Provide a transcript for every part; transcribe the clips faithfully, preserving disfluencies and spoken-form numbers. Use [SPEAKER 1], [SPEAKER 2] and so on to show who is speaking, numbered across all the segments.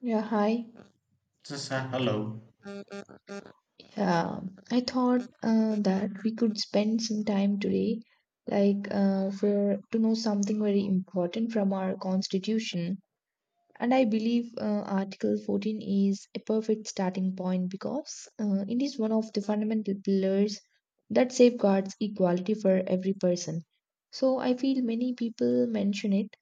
[SPEAKER 1] Yeah, hi.
[SPEAKER 2] Just a hello.
[SPEAKER 1] Um, I thought uh, that we could spend some time today, like uh, for to know something very important from our constitution. And I believe uh, Article fourteen is a perfect starting point because uh, it is one of the fundamental pillars that safeguards equality for every person. So I feel many people mention it,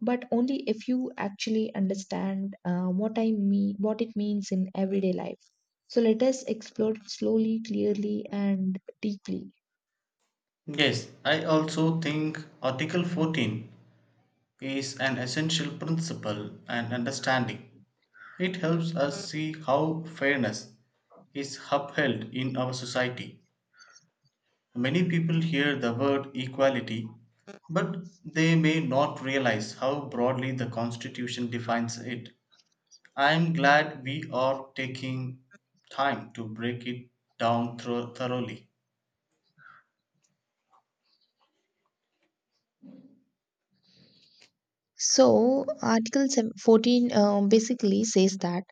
[SPEAKER 1] but only if you actually understand uh, what i mean what it means in everyday life. So let us explore it slowly, clearly, and deeply.
[SPEAKER 2] Yes, I also think Article fourteen is an essential principle and understanding. It helps us see how fairness is upheld in our society. Many people hear the word equality, but they may not realize how broadly the Constitution defines it. I am glad we are taking time to break it down thro- thoroughly.
[SPEAKER 1] So, Article 7 14 um, basically says that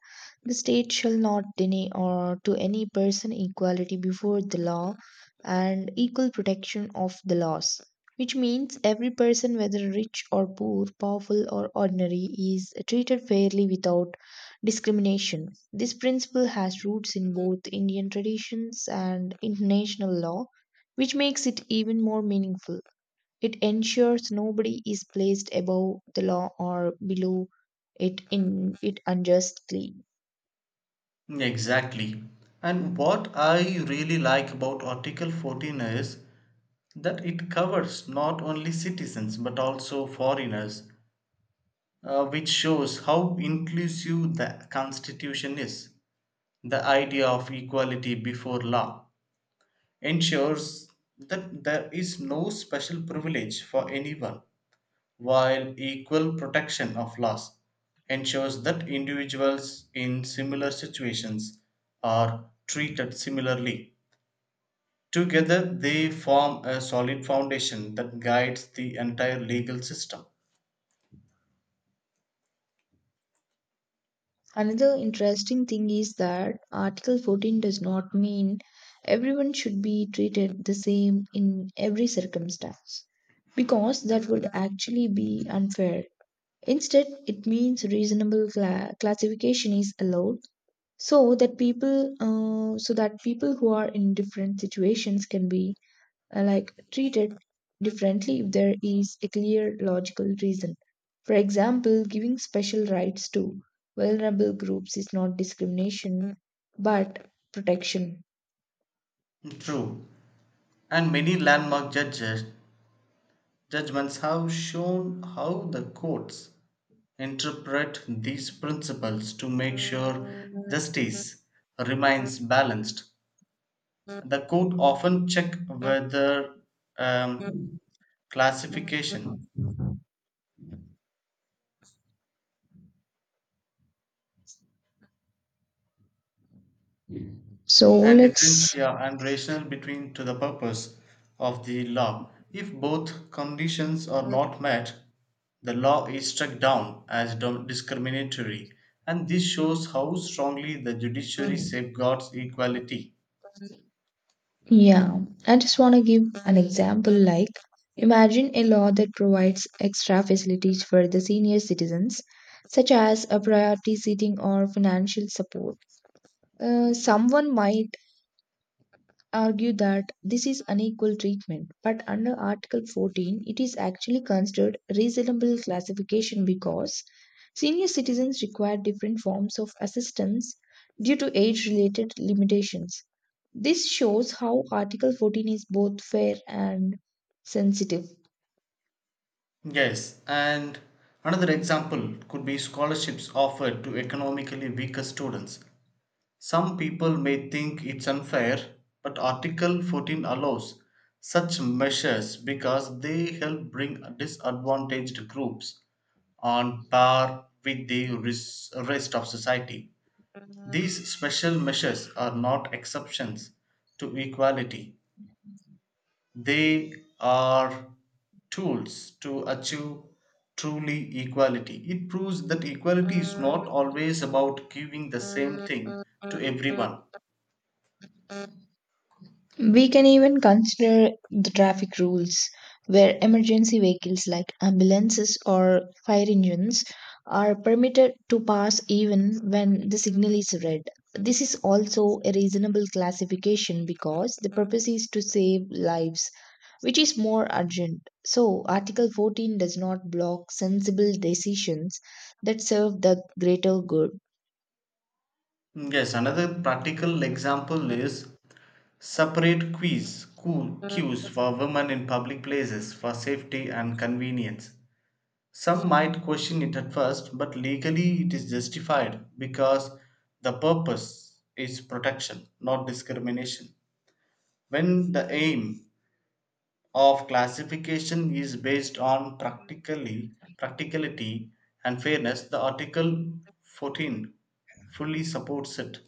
[SPEAKER 1] the state shall not deny or to any person equality before the law and equal protection of the laws, which means every person, whether rich or poor, powerful or ordinary, is treated fairly without discrimination. This principle has roots in both Indian traditions and international law, which makes it even more meaningful. It ensures nobody is placed above the law or below it in it unjustly.
[SPEAKER 2] Exactly. And what I really like about Article fourteen is that it covers not only citizens but also foreigners, uh, which shows how inclusive the Constitution is. The idea of equality before law ensures that there is no special privilege for anyone, while equal protection of laws ensures that individuals in similar situations are treated similarly. Together, they form a solid foundation that guides the entire legal system.
[SPEAKER 1] Another interesting thing is that Article fourteen does not mean everyone should be treated the same in every circumstance because that would actually be unfair. Instead, it means reasonable cla- classification is allowed so that people uh, so that people who are in different situations can be uh, like treated differently if there is a clear logical reason. For example, giving special rights to vulnerable groups is not discrimination but protection.
[SPEAKER 2] True, and many landmark judges, judgments have shown how the courts interpret these principles to make sure justice remains balanced. The court often check whether um, classification
[SPEAKER 1] So
[SPEAKER 2] and
[SPEAKER 1] let's,
[SPEAKER 2] differentia and rational between to the purpose of the law. If both conditions are not met, the law is struck down as dom- discriminatory, and this shows how strongly the judiciary safeguards equality.
[SPEAKER 1] yeah, I just want to give an example, like imagine a law that provides extra facilities for the senior citizens, such as a priority seating or financial support. Uh, someone might argue that this is unequal treatment, but under Article fourteen, it is actually considered reasonable classification because senior citizens require different forms of assistance due to age related limitations. This shows how Article fourteen is both fair and sensitive.
[SPEAKER 2] Yes, and another example could be scholarships offered to economically weaker students. Some people may think it's unfair, but Article fourteen allows such measures because they help bring disadvantaged groups on par with the res- rest of society. These special measures are not exceptions to equality, they are tools to achieve truly equality. It proves that equality is not always about giving the same thing to everyone.
[SPEAKER 1] We can even consider the traffic rules, where emergency vehicles like ambulances or fire engines are permitted to pass even when the signal is red. This is also a reasonable classification because the purpose is to save lives, which is more urgent. So, Article fourteen does not block sensible decisions that serve the greater good.
[SPEAKER 2] Yes, another practical example is separate quiz cool queues for women in public places for safety and convenience. Some might question it at first, but legally it is justified because the purpose is protection, not discrimination. When the aim of classification is based on practically practicality and fairness, the article fourteen fully supports it.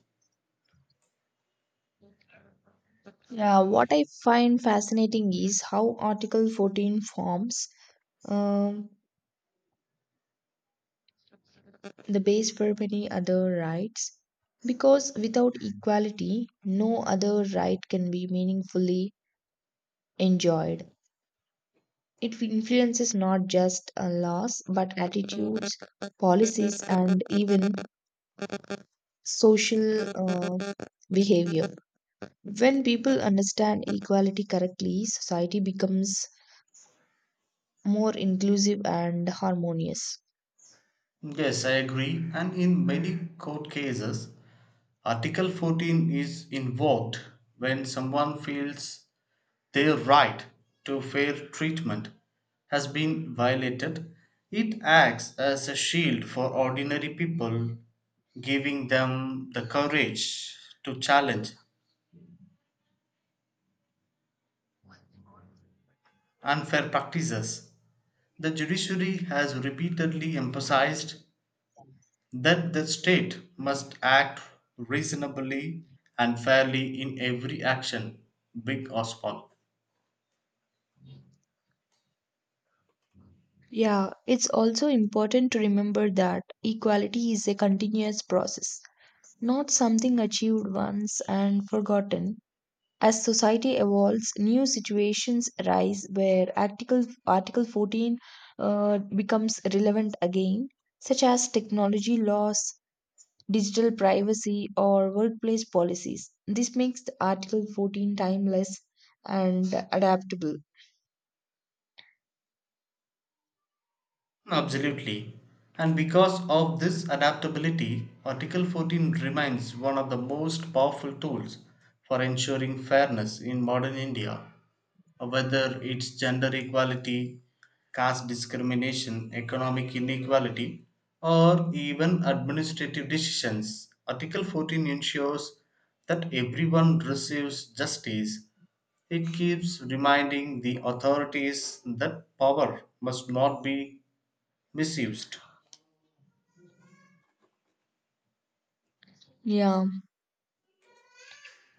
[SPEAKER 1] Yeah, what I find fascinating is how Article fourteen forms. Um, the base for many other rights because without equality, no other right can be meaningfully enjoyed. It influences not just uh, laws but attitudes, policies, and even social uh, behavior. When people understand equality correctly, society becomes more inclusive and harmonious.
[SPEAKER 2] Yes, I agree. And in many court cases, Article fourteen is invoked when someone feels their right to fair treatment has been violated. It acts as a shield for ordinary people, giving them the courage to challenge unfair practices. The judiciary has repeatedly emphasized that the state must act reasonably and fairly in every action, big or small.
[SPEAKER 1] Yeah, it's also important to remember that equality is a continuous process, not something achieved once and forgotten. As society evolves, new situations arise where Article, Article fourteen uh, becomes relevant again, such as technology laws, digital privacy, or workplace policies. This makes the Article fourteen timeless and adaptable.
[SPEAKER 2] Absolutely. And because of this adaptability, Article fourteen remains one of the most powerful tools for ensuring fairness in modern India. Uh, whether it's gender equality, caste discrimination, economic inequality, or even administrative decisions, Article fourteen ensures that everyone receives justice. It keeps reminding the authorities that power must not be misused.
[SPEAKER 1] Yeah.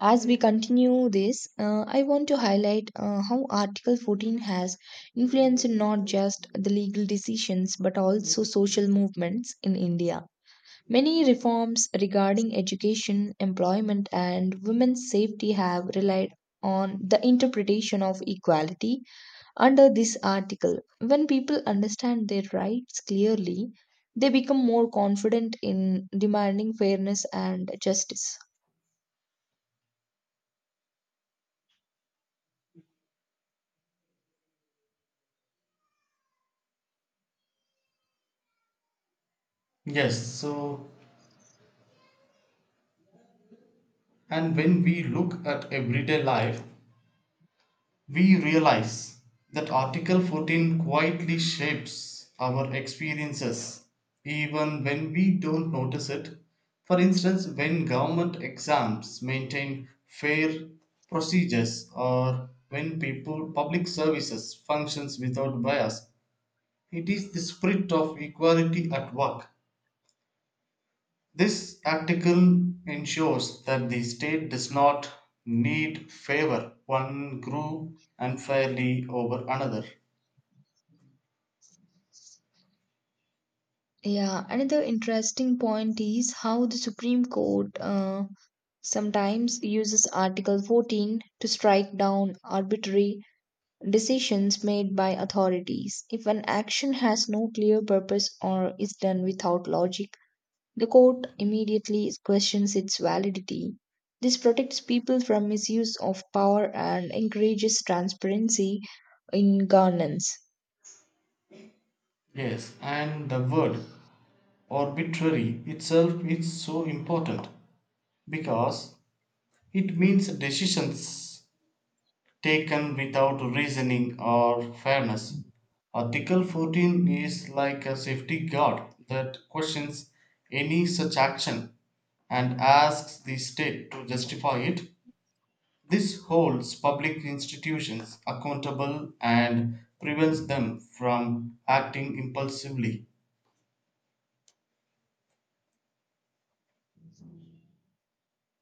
[SPEAKER 1] As we continue this, uh, I want to highlight uh, how Article fourteen has influenced not just the legal decisions but also social movements in India. Many reforms regarding education, employment, and women's safety have relied on the interpretation of equality under this article. When people understand their rights clearly, they become more confident in demanding fairness and justice.
[SPEAKER 2] Yes, so, and when we look at everyday life, we realize that Article fourteen quietly shapes our experiences even when we don't notice it. For instance, when government exams maintain fair procedures or when people public services functions without bias, it is the spirit of equality at work. This article ensures that the state does not need favor one group unfairly over another.
[SPEAKER 1] Yeah, another interesting point is how the Supreme Court uh, sometimes uses Article fourteen to strike down arbitrary decisions made by authorities. If an action has no clear purpose or is done without logic, the court immediately questions its validity. This protects people from misuse of power and encourages transparency in governance.
[SPEAKER 2] Yes, and the word arbitrary itself is so important because it means decisions taken without reasoning or fairness. Article fourteen is like a safety guard that questions any such action and asks the state to justify it. This holds public institutions accountable and prevents them from acting impulsively.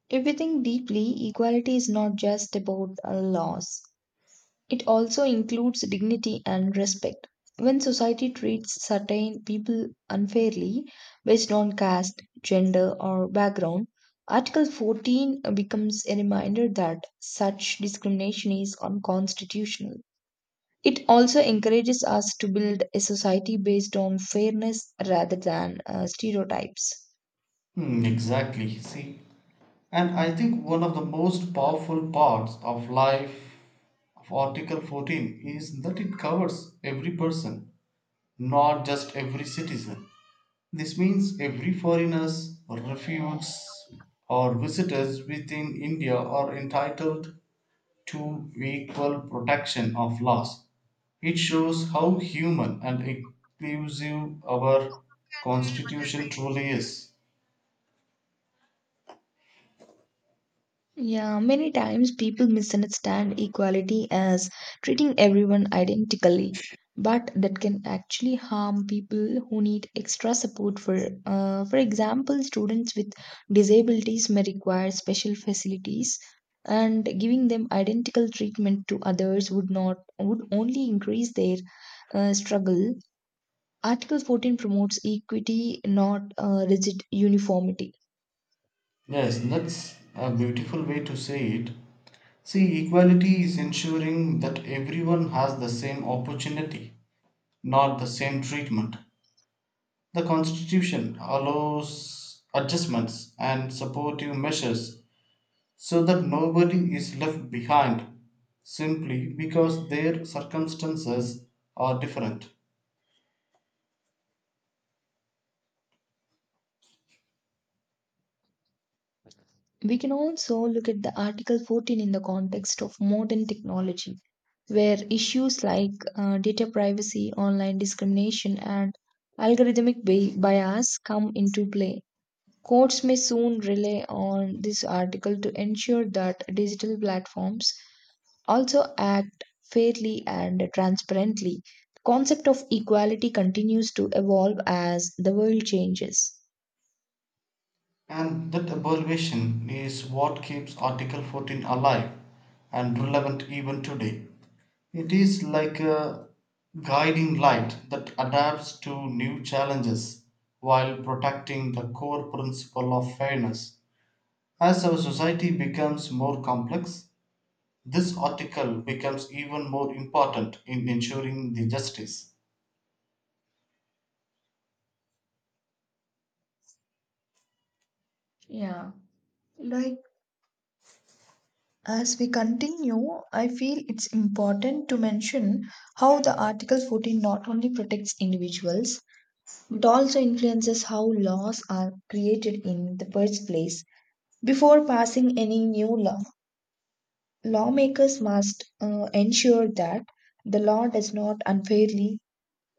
[SPEAKER 1] If we think deeply, equality is not just about uh, laws. It also includes dignity and respect. When society treats certain people unfairly based on caste, gender, or background, Article fourteen becomes a reminder that such discrimination is unconstitutional. It also encourages us to build a society based on fairness rather than uh, stereotypes.
[SPEAKER 2] Hmm, exactly. See, and I think one of the most powerful parts of life of Article fourteen is that it covers every person, not just every citizen. This means every foreigners, refugees, or visitors within India are entitled to equal protection of laws. It shows how human and inclusive our constitution truly is.
[SPEAKER 1] Yeah, many times people misunderstand equality as treating everyone identically, but that can actually harm people who need extra support. For uh, for example, students with disabilities may require special facilities, and giving them identical treatment to others would not would only increase their uh, struggle. Article fourteen promotes equity, not uh, rigid uniformity.
[SPEAKER 2] Yes, that's a beautiful way to say it. See, equality is ensuring that everyone has the same opportunity, not the same treatment. The Constitution allows adjustments and supportive measures so that nobody is left behind simply because their circumstances are different.
[SPEAKER 1] We can also look at the Article fourteen in the context of modern technology, where issues like uh, data privacy, online discrimination, and algorithmic bi- bias come into play. Courts may soon rely on this article to ensure that digital platforms also act fairly and transparently. The concept of equality continues to evolve as the world changes.
[SPEAKER 2] And that aberration is what keeps Article fourteen alive and relevant even today. It is like a guiding light that adapts to new challenges while protecting the core principle of fairness. As our society becomes more complex, this article becomes even more important in ensuring the justice.
[SPEAKER 1] Yeah, like as we continue, I feel it's important to mention how the Article fourteen not only protects individuals but also influences how laws are created in the first place. Before passing any new law, lawmakers must uh, ensure that the law does not unfairly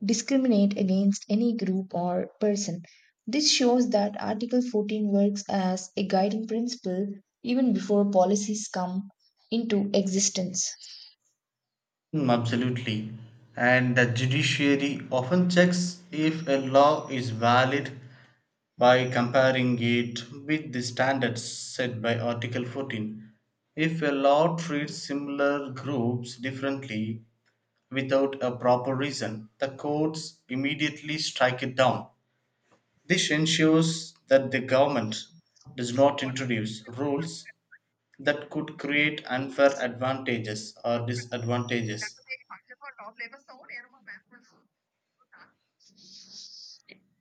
[SPEAKER 1] discriminate against any group or person. This shows that Article fourteen works as a guiding principle even before policies come into existence.
[SPEAKER 2] Hmm, absolutely. And the judiciary often checks if a law is valid by comparing it with the standards set by Article fourteen. If a law treats similar groups differently without a proper reason, the courts immediately strike it down. This ensures that the government does not introduce rules that could create unfair advantages or disadvantages.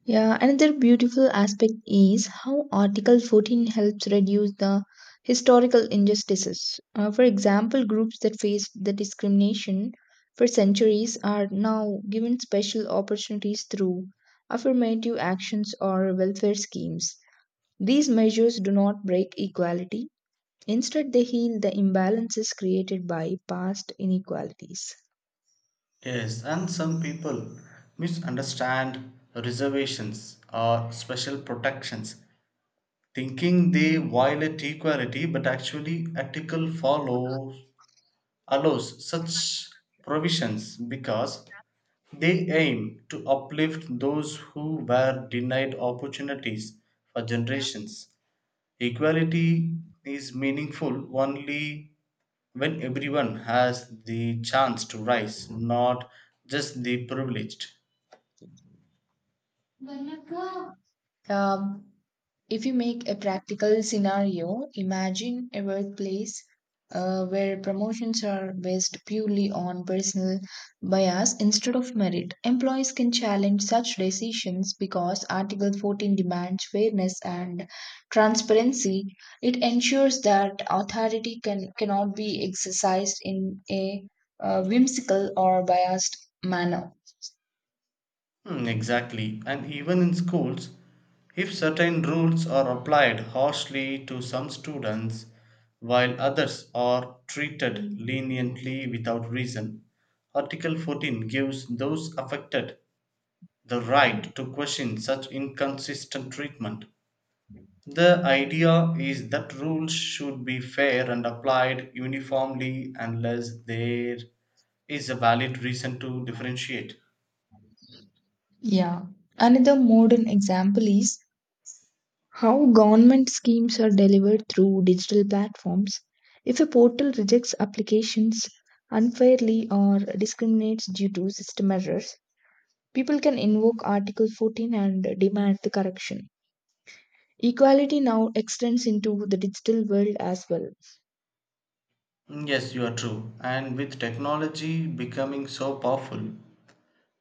[SPEAKER 1] Yeah, another beautiful aspect is how Article fourteen helps reduce the historical injustices. Uh, for example, groups that faced the discrimination for centuries are now given special opportunities through affirmative actions or welfare schemes. These measures do not break equality; instead, they heal the imbalances created by past inequalities.
[SPEAKER 2] Yes, and some people misunderstand reservations or special protections thinking they violate equality, but actually article follows allows such provisions because they aim to uplift those who were denied opportunities for generations. Equality is meaningful only when everyone has the chance to rise, not just the privileged.
[SPEAKER 1] Um, if you make a practical scenario, imagine a workplace uh, where promotions are based purely on personal bias instead of merit. Employees can challenge such decisions because Article fourteen demands fairness and transparency. It ensures that authority can, cannot be exercised in a uh, whimsical or biased manner.
[SPEAKER 2] Hmm, exactly. And even in schools, if certain rules are applied harshly to some students while others are treated leniently without reason, Article fourteen gives those affected the right to question such inconsistent treatment. The idea is that rules should be fair and applied uniformly unless there is a valid reason to differentiate.
[SPEAKER 1] Yeah. Another modern example is how government schemes are delivered through digital platforms. If a portal rejects applications unfairly or discriminates due to system errors, people can invoke Article fourteen and demand the correction. Equality now extends into the digital world as well.
[SPEAKER 2] Mm, yes, you are true. And with technology becoming so powerful,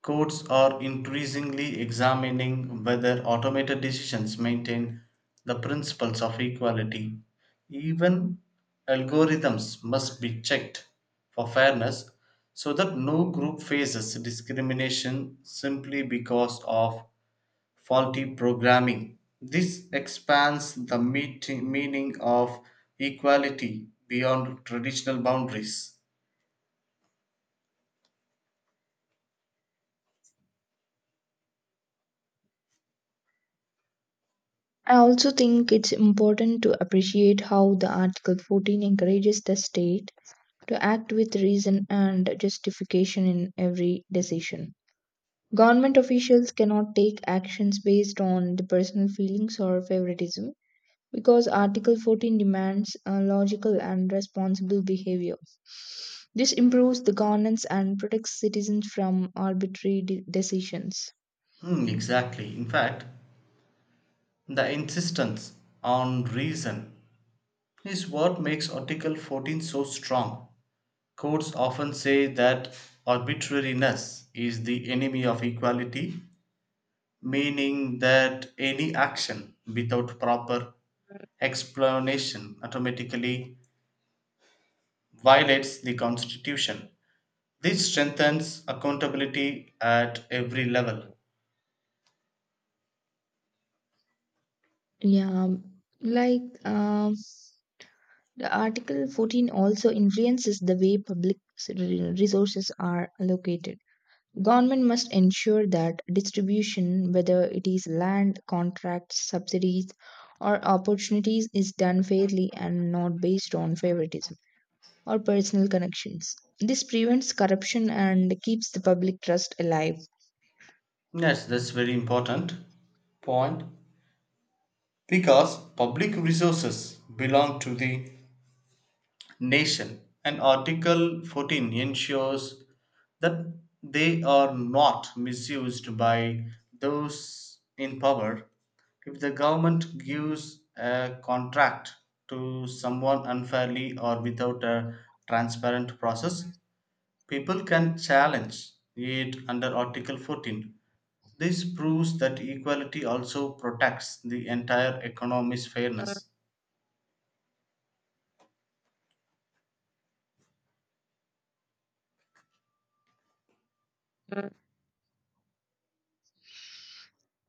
[SPEAKER 2] courts are increasingly examining whether automated decisions maintain the principles of equality. Even algorithms must be checked for fairness so that no group faces discrimination simply because of faulty programming. This expands the meeting, meaning of equality beyond traditional boundaries.
[SPEAKER 1] I also think it's important to appreciate how the Article fourteen encourages the state to act with reason and justification in every decision. Government officials cannot take actions based on the personal feelings or favoritism because Article fourteen demands uh, logical and responsible behavior. This improves the governance and protects citizens from arbitrary de- decisions.
[SPEAKER 2] Hmm, exactly. In fact, the insistence on reason is what makes Article fourteen so strong. Courts often say that arbitrariness is the enemy of equality, meaning that any action without proper explanation automatically violates the constitution. This strengthens accountability at every level.
[SPEAKER 1] Yeah, like um, the Article fourteen also influences the way public s- resources are allocated. Government must ensure that distribution, whether it is land, contracts, subsidies, or opportunities, is done fairly and not based on favoritism or personal connections. This prevents corruption and keeps the public trust alive.
[SPEAKER 2] Yes, that's very important point because public resources belong to the nation and Article fourteen ensures that they are not misused by those in power. If the government gives a contract to someone unfairly or without a transparent process, people can challenge it under Article fourteen. This proves that equality also protects the entire economy's fairness.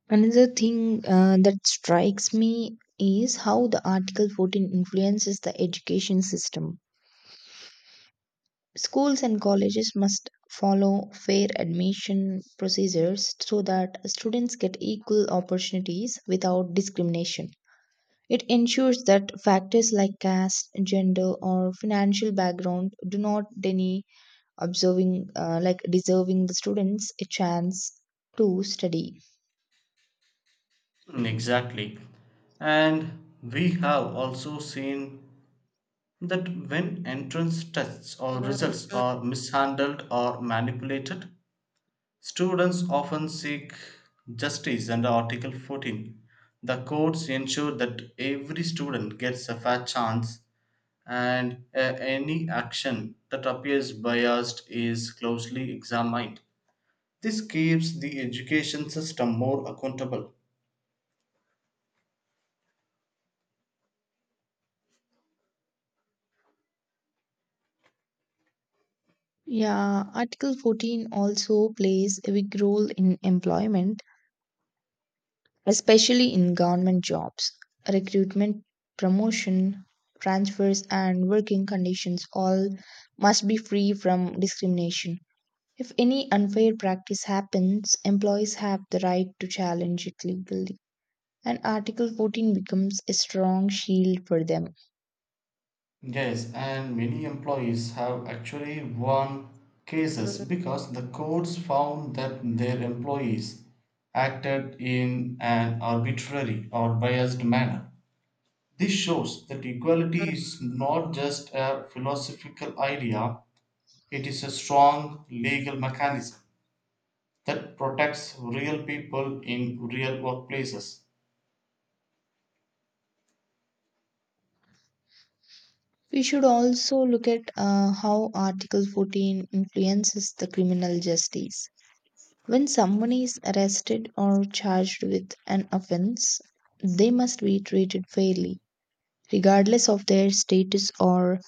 [SPEAKER 1] Another thing uh, that strikes me is how the Article fourteen influences the education system. Schools and colleges must follow fair admission procedures so that students get equal opportunities without discrimination. It ensures that factors like caste, gender, or financial background do not deny observing, uh, like deserving the students a chance to study.
[SPEAKER 2] Mm, exactly. And we have also seen that when entrance tests or results are mishandled or manipulated, students often seek justice under Article fourteen. The courts ensure that every student gets a fair chance and uh, any action that appears biased is closely examined. This keeps the education system more accountable.
[SPEAKER 1] Yeah, Article fourteen also plays a big role in employment, especially in government jobs. Recruitment, promotion, transfers, and working conditions all must be free from discrimination. If any unfair practice happens, employees have the right to challenge it legally, and Article fourteen becomes a strong shield for them.
[SPEAKER 2] Yes, and many employees have actually won cases because the courts found that their employees acted in an arbitrary or biased manner. This shows that equality is not just a philosophical idea, it is a strong legal mechanism that protects real people in real workplaces.
[SPEAKER 1] We should also look at uh, how Article fourteen influences the criminal justice. When someone is arrested or charged with an offense, they must be treated fairly, regardless of their status or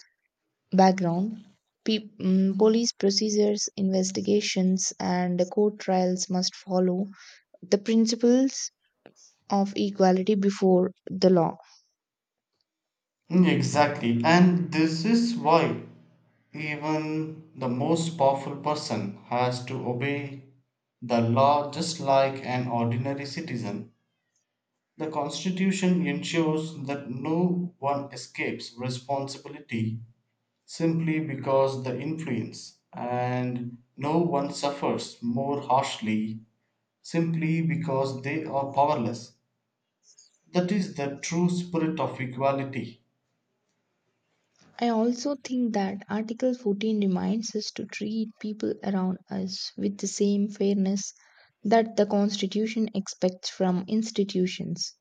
[SPEAKER 1] background. Pe- mm, police procedures, investigations, and the court trials must follow the principles of equality before the law.
[SPEAKER 2] Hmm, exactly, and this is why even the most powerful person has to obey the law just like an ordinary citizen. The Constitution ensures that no one escapes responsibility simply because the influence, and no one suffers more harshly simply because they are powerless. That is the true spirit of equality.
[SPEAKER 1] I also think that Article fourteen reminds us to treat people around us with the same fairness that the Constitution expects from institutions.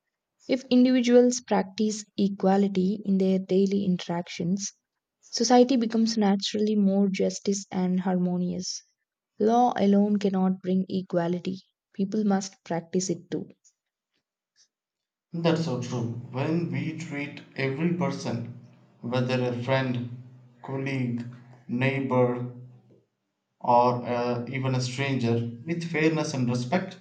[SPEAKER 1] If individuals practice equality in their daily interactions, society becomes naturally more justice and harmonious. Law alone cannot bring equality; people must practice it too.
[SPEAKER 2] That's so true. When we treat every person, whether a friend, colleague, neighbor, or uh, even a stranger, with fairness and respect,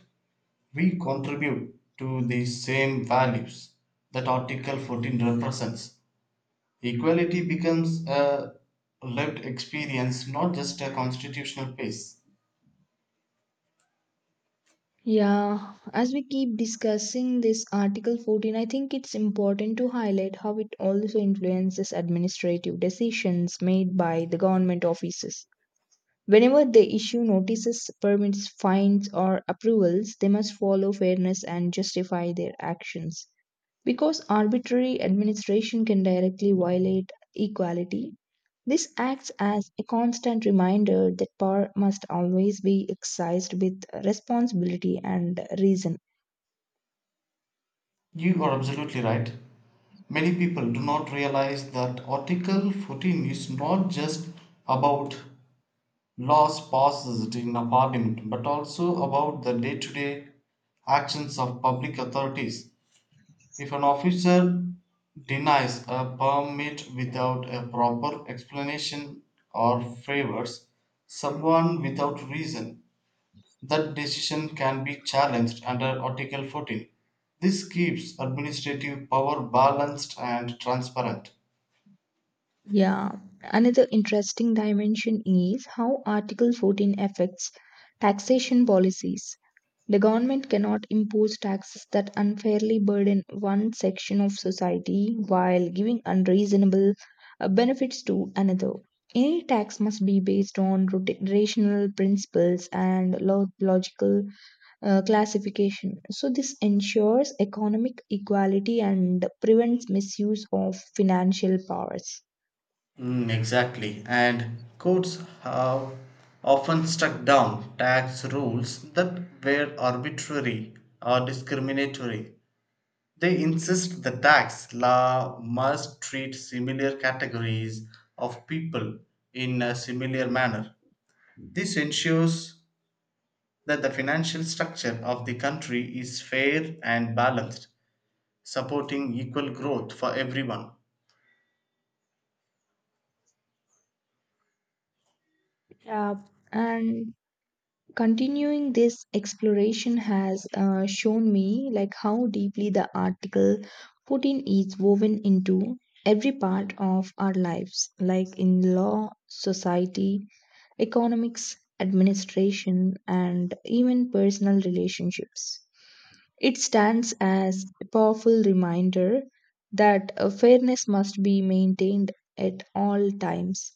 [SPEAKER 2] we contribute to the same values that Article fourteen represents. Equality becomes a lived experience, not just a constitutional base.
[SPEAKER 1] Yeah, as we keep discussing this Article fourteen, I think it's important to highlight how it also influences administrative decisions made by the government offices. Whenever they issue notices, permits, fines, or approvals, they must follow fairness and justify their actions. Because arbitrary administration can directly violate equality, this acts as a constant reminder that power must always be exercised with responsibility and reason.
[SPEAKER 2] You are absolutely right. Many people do not realize that Article fourteen is not just about laws passed in a parliament but also about the day to day actions of public authorities. If an officer denies a permit without a proper explanation or favors someone without reason, that decision can be challenged under Article fourteen. This keeps administrative power balanced and transparent.
[SPEAKER 1] Yeah, another interesting dimension is how Article fourteen affects taxation policies. The government cannot impose taxes that unfairly burden one section of society while giving unreasonable uh, benefits to another. Any tax must be based on rota- rational principles and lo- logical uh, classification. So, this ensures economic equality and prevents misuse of financial powers.
[SPEAKER 2] Mm, exactly. And courts have often struck down tax rules that were arbitrary or discriminatory. They insist the tax law must treat similar categories of people in a similar manner. This ensures that the financial structure of the country is fair and balanced, supporting equal growth for everyone.
[SPEAKER 1] Yeah, and continuing this exploration has uh, shown me like how deeply the Article fourteen is woven into every part of our lives, like in law, society, economics, administration, and even personal relationships. It stands as a powerful reminder that uh, fairness must be maintained at all times.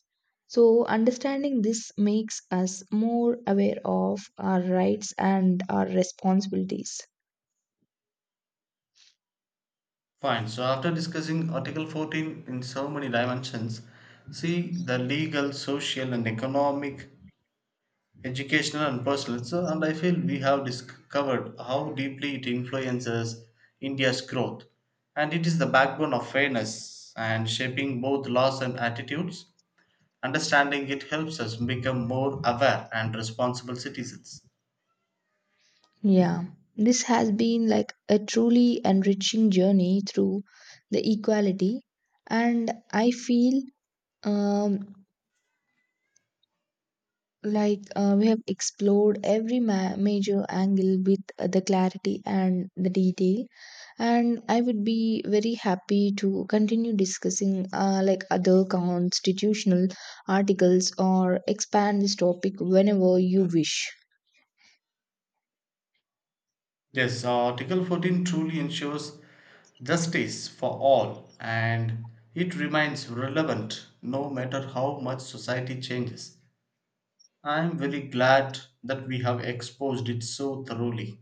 [SPEAKER 1] So, understanding this makes us more aware of our rights and our responsibilities.
[SPEAKER 2] Fine. So after discussing Article fourteen in so many dimensions, see the legal, social, and economic, educational, and personal. So, and I feel we have discovered how deeply it influences India's growth, and it is the backbone of fairness and shaping both laws and attitudes. Understanding it helps us become more aware and responsible citizens.
[SPEAKER 1] Yeah, this has been like a truly enriching journey through the equality, and I feel um, like uh, we have explored every ma- major angle with uh, the clarity and the detail, and I would be very happy to continue discussing uh, like other constitutional articles or expand this topic whenever you wish.
[SPEAKER 2] Yes, uh, Article fourteen truly ensures justice for all and it remains relevant no matter how much society changes. I am very glad that we have exposed it so thoroughly.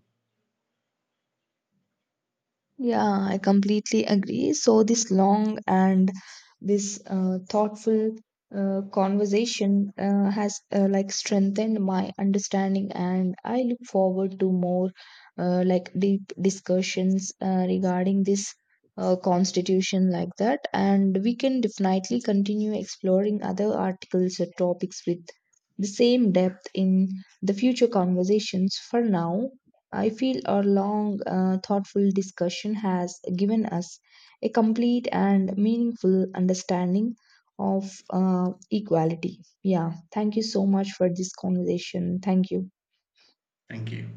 [SPEAKER 1] Yeah, I completely agree. So this long and This uh, thoughtful uh, conversation uh, has uh, like strengthened my understanding, and I look forward to more uh, like deep discussions uh, regarding this uh, constitution like that. And we can definitely continue exploring other articles or topics with the same depth in the future conversations. For now, I feel our long, uh, thoughtful discussion has given us a complete and meaningful understanding of uh, equality. Yeah, thank you so much for this conversation. Thank you.
[SPEAKER 2] Thank you.